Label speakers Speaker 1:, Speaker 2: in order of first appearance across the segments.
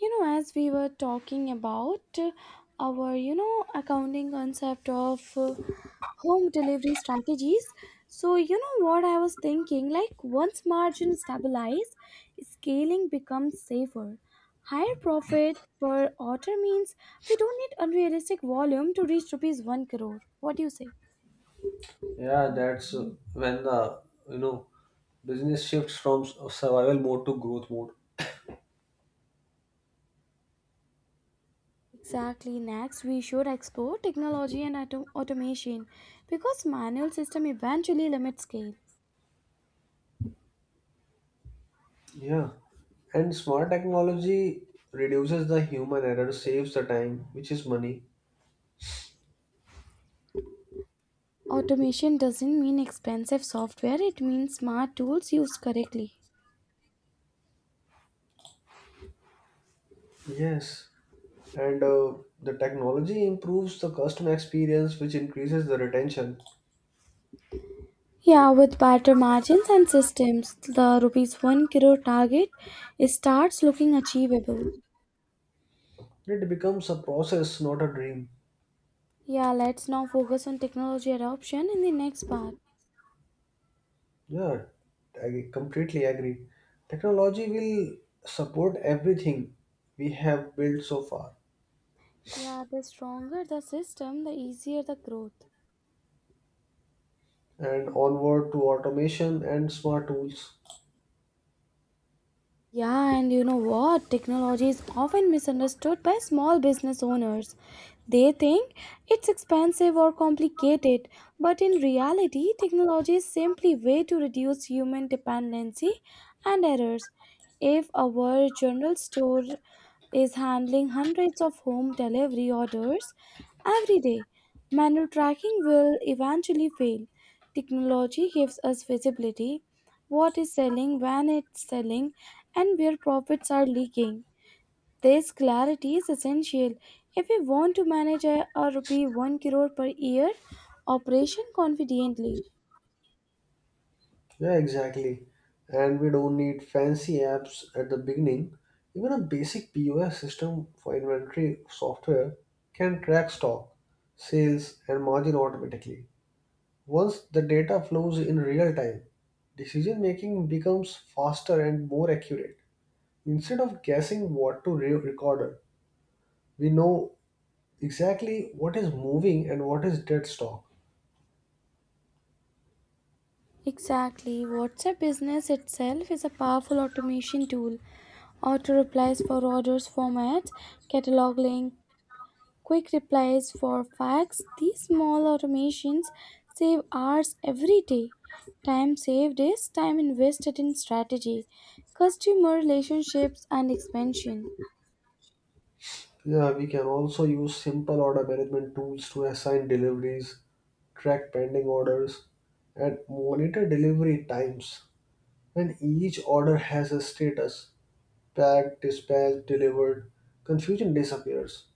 Speaker 1: As we were talking about our accounting concept of home delivery strategies, so what I was thinking, like, once margin stabilize, scaling becomes safer. Higher profit per order means we don't need unrealistic volume to reach rupees 1 crore. What do you say?
Speaker 2: Yeah, that's when the you know business shifts from survival mode to growth mode.
Speaker 1: Exactly. Next, we should explore technology and automation because manual system eventually limit scale.
Speaker 2: Yeah, and smart technology reduces the human error, saves the time, which is money.
Speaker 1: Automation doesn't mean expensive software, it means smart tools used correctly.
Speaker 2: Yes, and the technology improves the customer experience, which increases the retention.
Speaker 1: Yeah, with better margins and systems, the rupees 1 crore target starts looking achievable.
Speaker 2: It becomes a process, not a dream.
Speaker 1: Yeah, let's now focus on technology adoption in the next part.
Speaker 2: Yeah, I completely agree. Technology will support everything we have built so far.
Speaker 1: Yeah, the stronger the system, the easier the growth.
Speaker 2: And onward to automation and smart tools.
Speaker 1: Yeah, and you know what? Technology is often misunderstood by small business owners. They think it's expensive or complicated, but in reality, technology is simply a way to reduce human dependency and errors. If our general store is handling hundreds of home delivery orders every day, manual tracking will eventually fail. Technology gives us visibility, what is selling, when it's selling, and where profits are leaking. This clarity is essential if we want to manage a rupee 1 crore per year operation confidently.
Speaker 2: Yeah, exactly. And we don't need fancy apps at the beginning. Even a basic POS system for inventory software can track stock, sales, and margin automatically. Once the data flows in real time, decision making becomes faster and more accurate. Instead of guessing what to record, we know exactly what is moving and what is dead stock.
Speaker 1: Exactly. WhatsApp business itself is a powerful automation tool. Auto replies for orders formats, catalog links, quick replies for fax. These small automations save hours every day. Time saved is time invested in strategy, customer relationships, and expansion.
Speaker 2: Yeah, we can also use simple order management tools to assign deliveries, track pending orders, and monitor delivery times. And each order has a status packed, dispatched, delivered. Confusion disappears.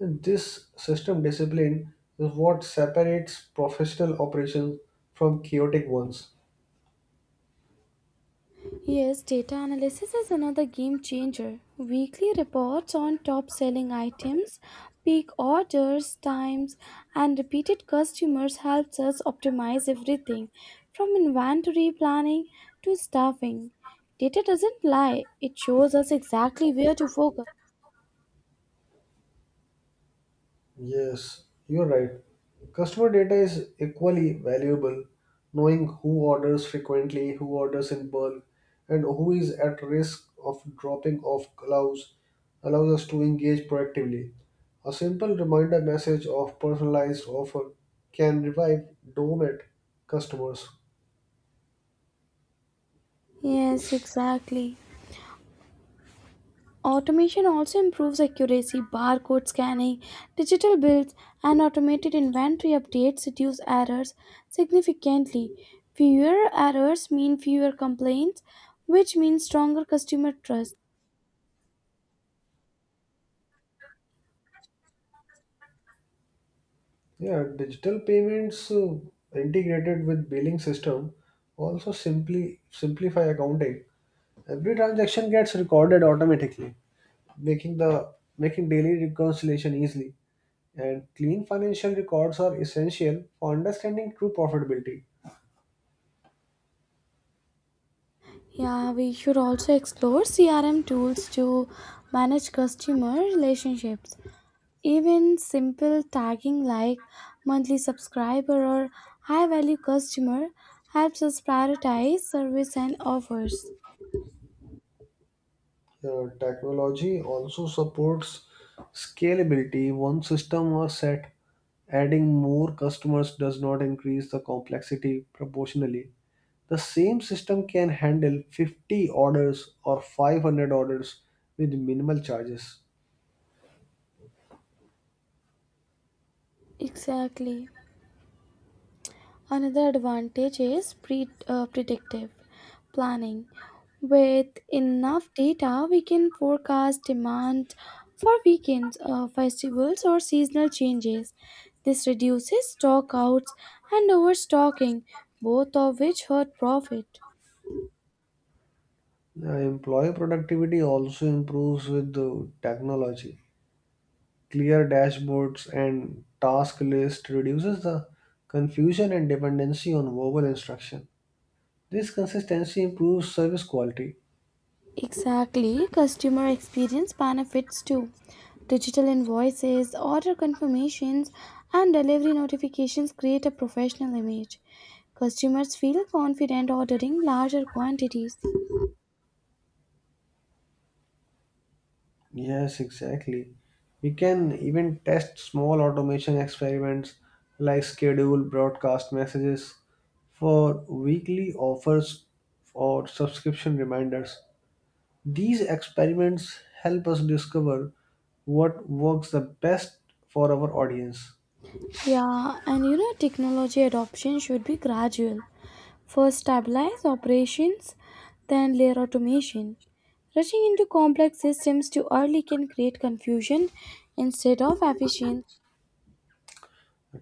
Speaker 2: And this system discipline is what separates professional operations from chaotic ones.
Speaker 1: Yes, data analysis is another game changer. Weekly reports on top selling items, peak orders, times, and repeated customers helps us optimize everything from inventory planning to staffing. Data doesn't lie, it shows us exactly where to focus.
Speaker 2: Yes, you're right. Customer data is equally valuable. Knowing who orders frequently, who orders in bulk, and who is at risk of dropping off allows us to engage proactively. A simple reminder message of personalized offer can revive dormant customers.
Speaker 1: Yes, exactly. Automation also improves accuracy, barcode scanning, digital bills, and automated inventory updates reduce errors significantly. Fewer errors mean fewer complaints, which means stronger customer trust.
Speaker 2: Yeah, digital payments integrated with billing system also simply simplify accounting. Every transaction gets recorded automatically, making the making daily reconciliation easily. And clean financial records are essential for understanding true profitability.
Speaker 1: Yeah, we should also explore CRM tools to manage customer relationships. Even simple tagging like monthly subscriber or high value customer helps us prioritize service and offers.
Speaker 2: Technology also supports scalability. Once system are set, adding more customers does not increase the complexity proportionally. The same system can handle 50 orders or 500 orders with minimal charges.
Speaker 1: Exactly. Another advantage is predictive planning. With enough data, we can forecast demand for weekends, festivals, or seasonal changes. This reduces stockouts and overstocking, both of which hurt profit.
Speaker 2: Employee productivity also improves with the technology. Clear dashboards and task list reduces the confusion and dependency on verbal instruction. This consistency improves service quality.
Speaker 1: Exactly, customer experience benefits too. Digital invoices, order confirmations, and delivery notifications create a professional image. Customers feel confident ordering larger quantities.
Speaker 2: Yes, exactly. We can even test small automation experiments like schedule broadcast messages for weekly offers or subscription reminders. These experiments help us discover what works the best for our audience.
Speaker 1: Yeah, and you know, technology adoption should be gradual. First, stabilize operations, then, layer automation. Rushing into complex systems too early can create confusion instead of efficiency.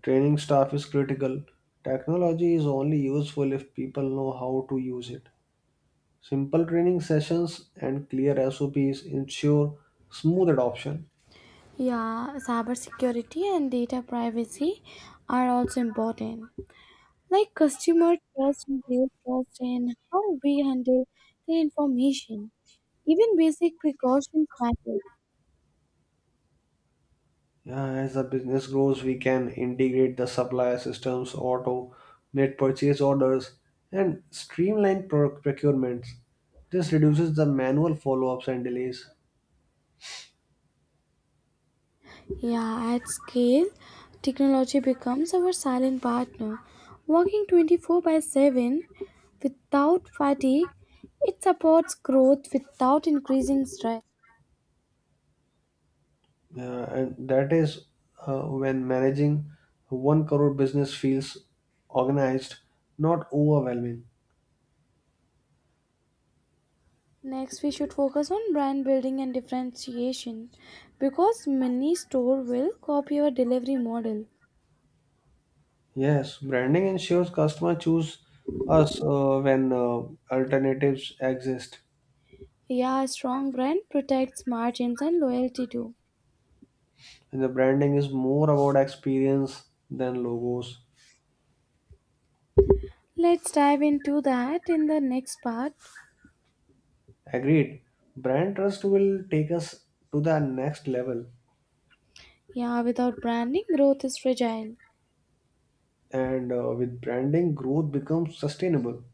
Speaker 2: Training staff is critical. Technology is only useful if people know how to use it. Simple training sessions and clear SOPs ensure smooth adoption.
Speaker 1: Yeah, cybersecurity and data privacy are also important. Like customer trust and their trust in how we handle their information. Even basic precautions matter.
Speaker 2: Yeah, as the business grows, we can integrate the supplier systems, auto, net purchase orders, and streamline procurements. This reduces the manual follow ups and delays.
Speaker 1: Yeah, at scale, technology becomes our silent partner. Working 24 by 7 without fatigue, it supports growth without increasing stress.
Speaker 2: Yeah, and that is when managing a one crore business feels organized, not overwhelming.
Speaker 1: Next, we should focus on brand building and differentiation because many store will copy your delivery model.
Speaker 2: Yes, branding ensures customer choose us when alternatives exist.
Speaker 1: Yeah, a strong brand protects margins and loyalty too.
Speaker 2: And the branding is more about experience than logos.
Speaker 1: Let's dive into that in the next part.
Speaker 2: Agreed. Brand trust will take us to the next level,
Speaker 1: Yeah, without branding, growth is fragile.
Speaker 2: and with branding, growth becomes sustainable.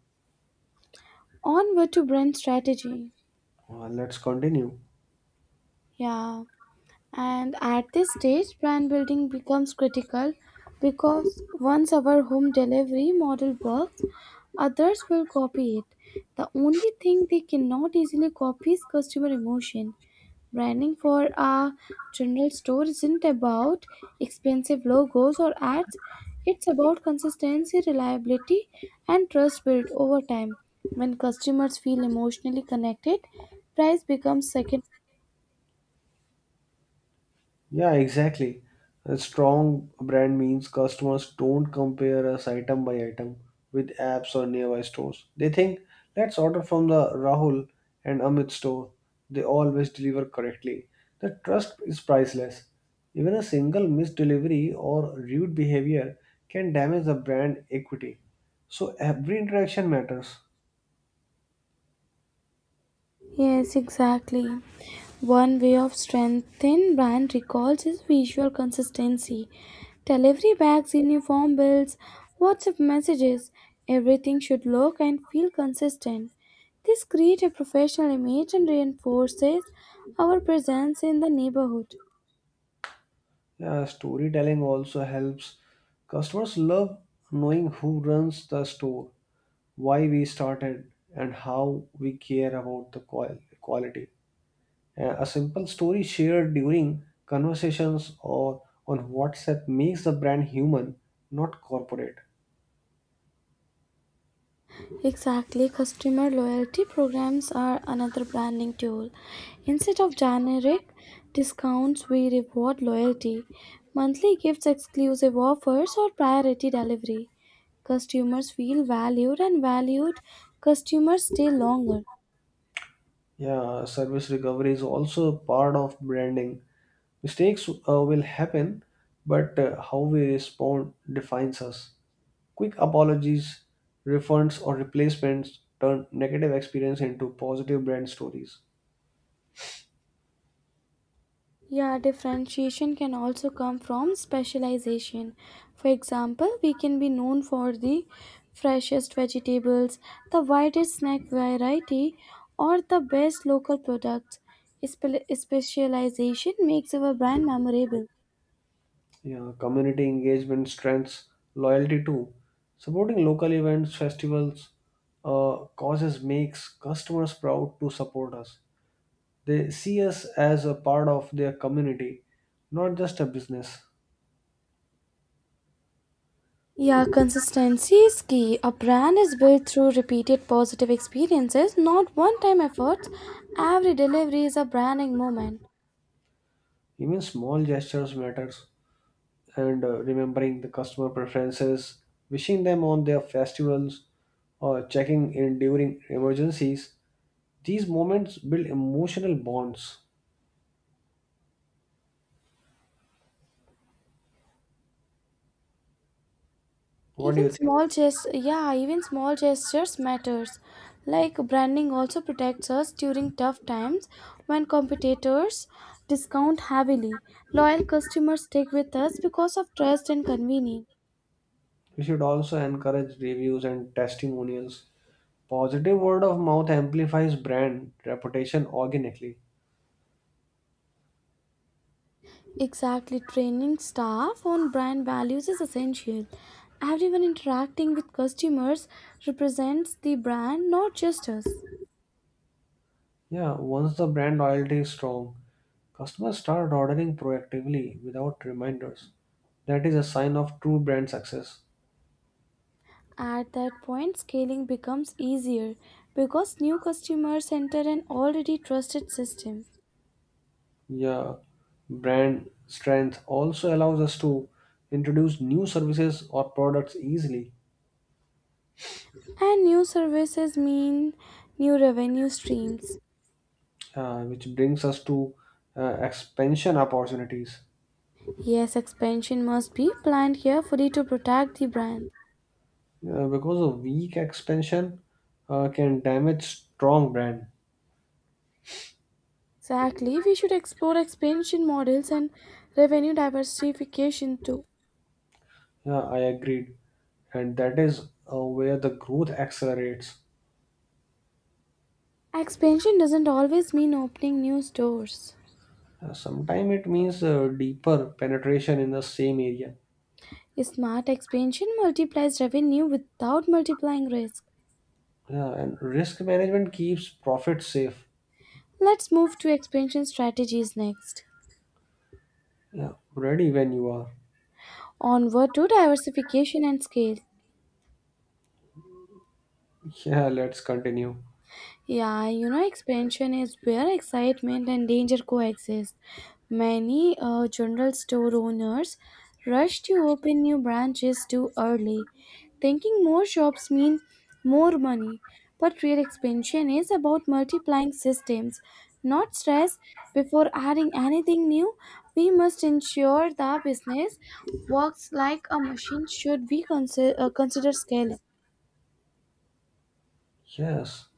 Speaker 1: Onward to brand strategy.
Speaker 2: Let's continue.
Speaker 1: Yeah. And at this stage, brand building becomes critical because once our home delivery model works, others will copy it. The only thing they cannot easily copy is customer emotion. Branding for a general store isn't about expensive logos or ads, it's about consistency, reliability, and trust built over time. When customers feel emotionally connected, price becomes secondary.
Speaker 2: Yeah, exactly. A strong brand means customers don't compare us item by item with apps or nearby stores. They think, let's order from the Rahul and Amit store. They always deliver correctly. The trust is priceless. Even a single missed delivery or rude behavior can damage the brand equity. So every interaction matters.
Speaker 1: Yes, exactly. One way of strengthening brand recalls is visual consistency. Delivery bags, uniform bills, WhatsApp messages, everything should look and feel consistent. This creates a professional image and reinforces our presence in the neighborhood.
Speaker 2: Yeah, storytelling also helps. Customers love knowing who runs the store why we started, and how we care about the quality. A simple story shared during conversations or on WhatsApp makes the brand human, not corporate.
Speaker 1: Exactly, customer loyalty programs are another branding tool. Instead of generic discounts, we reward loyalty, monthly gifts, exclusive offers, or priority delivery. Customers feel valued, and valued customers stay longer.
Speaker 2: Yeah, service recovery is also part of branding. Mistakes will happen, but how we respond defines us. Quick apologies, refunds, or replacements turn negative experience into positive brand stories.
Speaker 1: Yeah, differentiation can also come from specialization. For example, we can be known for the freshest vegetables, the widest snack variety, or the best local products. Specialization makes our brand memorable.
Speaker 2: Yeah, community engagement strengths loyalty too. Supporting local events, festivals, causes makes customers proud to support us. They see us as a part of their community, not just a business.
Speaker 1: Yeah, consistency is key. A brand is built through repeated positive experiences, not one time efforts. Every delivery is a branding moment.
Speaker 2: Even small gestures matters, and remembering the customer preferences, wishing them on their festivals, or checking in during emergencies. These moments build emotional bonds. What do
Speaker 1: Even
Speaker 2: you think?
Speaker 1: small gest yeah even small gestures matters, like branding also protects us during tough times. When competitors discount heavily, loyal customers stick with us because of trust and convenience.
Speaker 2: We should also encourage reviews and testimonials. Positive word of mouth amplifies brand reputation organically.
Speaker 1: Exactly, training staff on brand values is essential. Everyone interacting with customers represents the brand, not just us.
Speaker 2: Yeah, once the brand loyalty is strong, customers start ordering proactively without reminders. That is a sign of true brand success.
Speaker 1: At that point, scaling becomes easier because new customers enter an already trusted system.
Speaker 2: Yeah, brand strength also allows us to introduce new services or products easily,
Speaker 1: And new services mean new revenue streams.
Speaker 2: which brings us to expansion opportunities.
Speaker 1: Yes, expansion must be planned carefully to protect the brand.
Speaker 2: Yeah, because a weak expansion can damage strong brand.
Speaker 1: Exactly, we should explore expansion models and revenue diversification too.
Speaker 2: Yeah, I agreed, and that is where the growth accelerates.
Speaker 1: Expansion doesn't always mean opening new stores.
Speaker 2: Sometimes it means deeper penetration in the same area.
Speaker 1: Smart expansion multiplies revenue without multiplying risk.
Speaker 2: Yeah, and risk management keeps profits safe.
Speaker 1: Let's move to expansion strategies next.
Speaker 2: Yeah, ready when you are.
Speaker 1: Onward to diversification and scale.
Speaker 2: Yeah, let's continue.
Speaker 1: Yeah, you know, expansion is where excitement and danger coexist. Many general store owners rush to open new branches too early, thinking more shops mean more money. But real expansion is about multiplying systems, not stress. Before adding anything new, we must ensure the business works like a machine. Should we consider, scaling?
Speaker 2: Yes,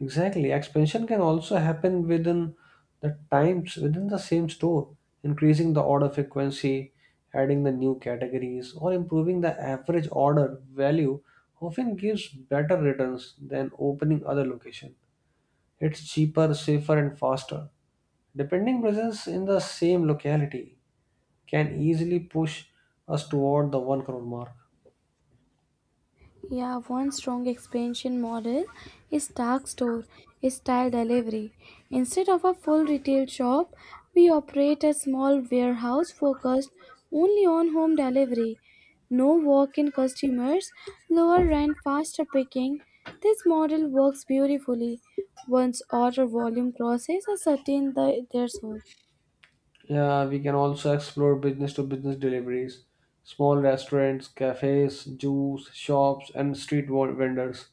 Speaker 2: exactly. Expansion can also happen within the same store, increasing the order frequency, adding the new categories, or improving the average order value often gives better returns than opening other location. It's cheaper, safer, and faster. Depending presence in the same locality can easily push us toward the 1 crore mark.
Speaker 1: Yeah, one strong expansion model is dark store style delivery. Instead of a full retail shop, we operate a small warehouse focused only on home delivery. No walk in customers, lower rent, faster picking. This model works beautifully once order volume crosses a certain threshold.
Speaker 2: Yeah, we can also explore business to business deliveries, small restaurants, cafes, juice shops, and vendors.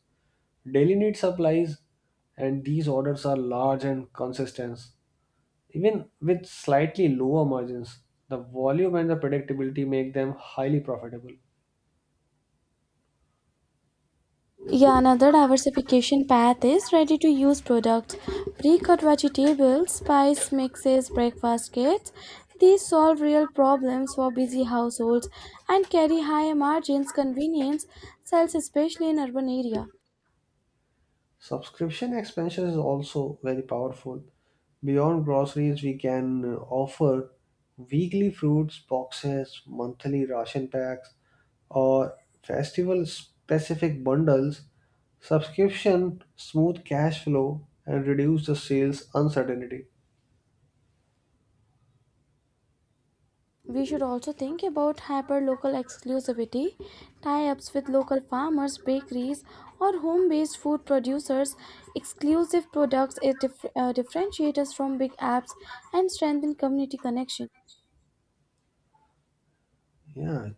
Speaker 2: Daily need supplies, and these orders are large and consistent. Even with slightly lower margins, the volume and the predictability make them highly profitable.
Speaker 1: Yeah, another diversification path is ready to use products. Pre cut vegetables, spice mixes, breakfast kits. These solve real problems for busy households and carry higher margins. Convenience sells especially in urban area.
Speaker 2: Subscription expansion is also very powerful. Beyond groceries, we can offer weekly fruits boxes, monthly ration packs, or festival specific bundles. Subscription smooth cash flow and reduce the sales uncertainty.
Speaker 1: We should also think about hyper-local exclusivity, tie-ups with local farmers, bakeries, or home-based food producers. Exclusive products is differentiate us from big apps and strengthen community connection.
Speaker 2: Yeah,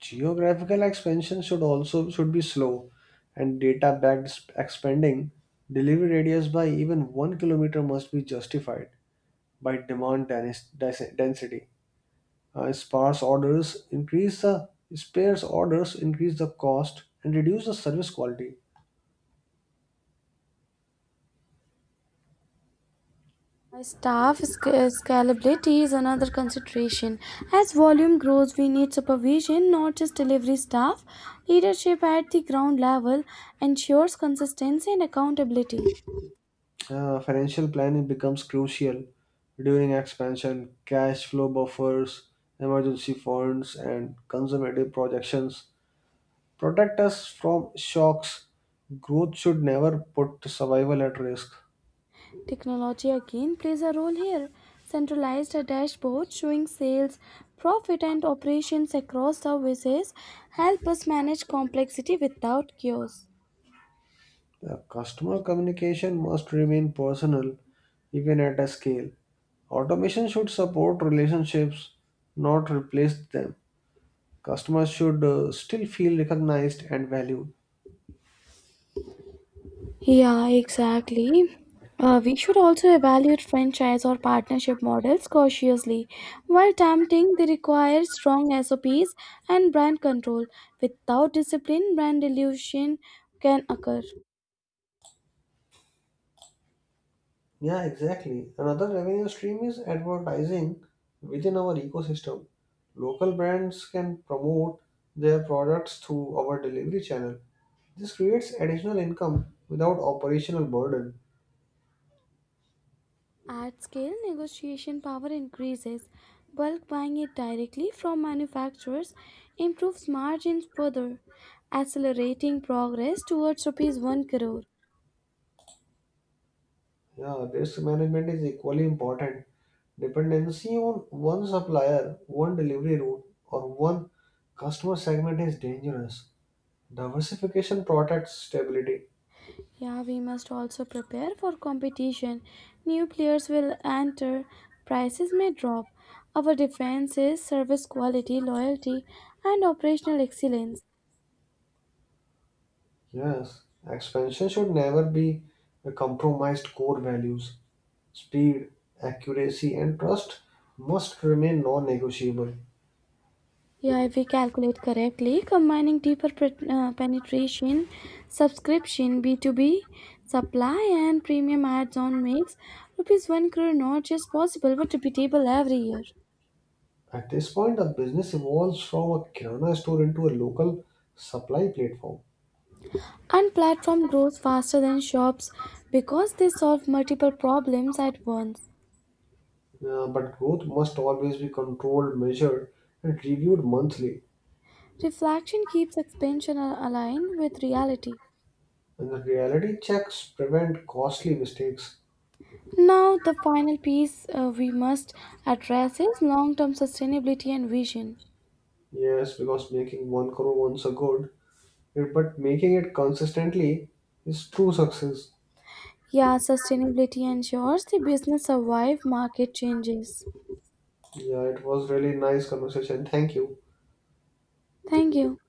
Speaker 2: geographical expansion should be slow and data backed expanding delivery radius by even 1 kilometer must be justified by demand density. Sparse orders increase the cost and reduce the service quality.
Speaker 1: Staff scalability is another consideration. As volume grows, we need supervision, not just delivery staff. Leadership at the ground level ensures consistency and accountability.
Speaker 2: Financial planning becomes crucial during expansion. Cash flow buffers, emergency funds, and conservative projections protect us from shocks. Growth should never put survival at risk.
Speaker 1: Technology again plays a role here. Centralized a dashboard showing sales, profit, and operations across services help us manage complexity without chaos.
Speaker 2: The customer communication must remain personal even at a scale. Automation should support relationships, not replace them. Customers should still feel recognized and valued.
Speaker 1: Yeah, exactly. We should also evaluate franchise or partnership models cautiously. While tempting, they require strong SOPs and brand control. Without discipline, brand dilution can occur.
Speaker 2: Yeah, exactly. Another revenue stream is advertising within our ecosystem. Local brands can promote their products through our delivery channel. This creates additional income without operational burden.
Speaker 1: At scale, negotiation power increases. Bulk buying it directly from manufacturers improves margins further, accelerating progress towards rupees 1 crore.
Speaker 2: Yeah, risk management is equally important. Dependency on one supplier, one delivery route, or one customer segment is dangerous. Diversification protects stability.
Speaker 1: Yeah, we must also prepare for competition. New players will enter, prices may drop. Our defense is service quality, loyalty, and operational excellence.
Speaker 2: Yes, expansion should never be a compromised core values. Speed, accuracy, and trust must remain non negotiable.
Speaker 1: Yeah, if we calculate correctly, combining deeper penetration, subscription, B2B, supply, and premium ads on makes rupees 1 crore not just possible but repeatable every year.
Speaker 2: At this point, the business evolves from a kirana store into a local supply platform.
Speaker 1: And platform grows faster than shops because they solve multiple problems at once.
Speaker 2: But growth must always be controlled, measured, and reviewed monthly.
Speaker 1: Reflection keeps expansion aligned with reality.
Speaker 2: And the reality checks prevent costly mistakes.
Speaker 1: Now, the final piece we must address is long term sustainability and vision.
Speaker 2: Yes, because making one crore once a good, it- but making it consistently is true success.
Speaker 1: Yeah, sustainability ensures the business survive market changes.
Speaker 2: Yeah, it was really nice conversation. Thank you.
Speaker 1: Thank you.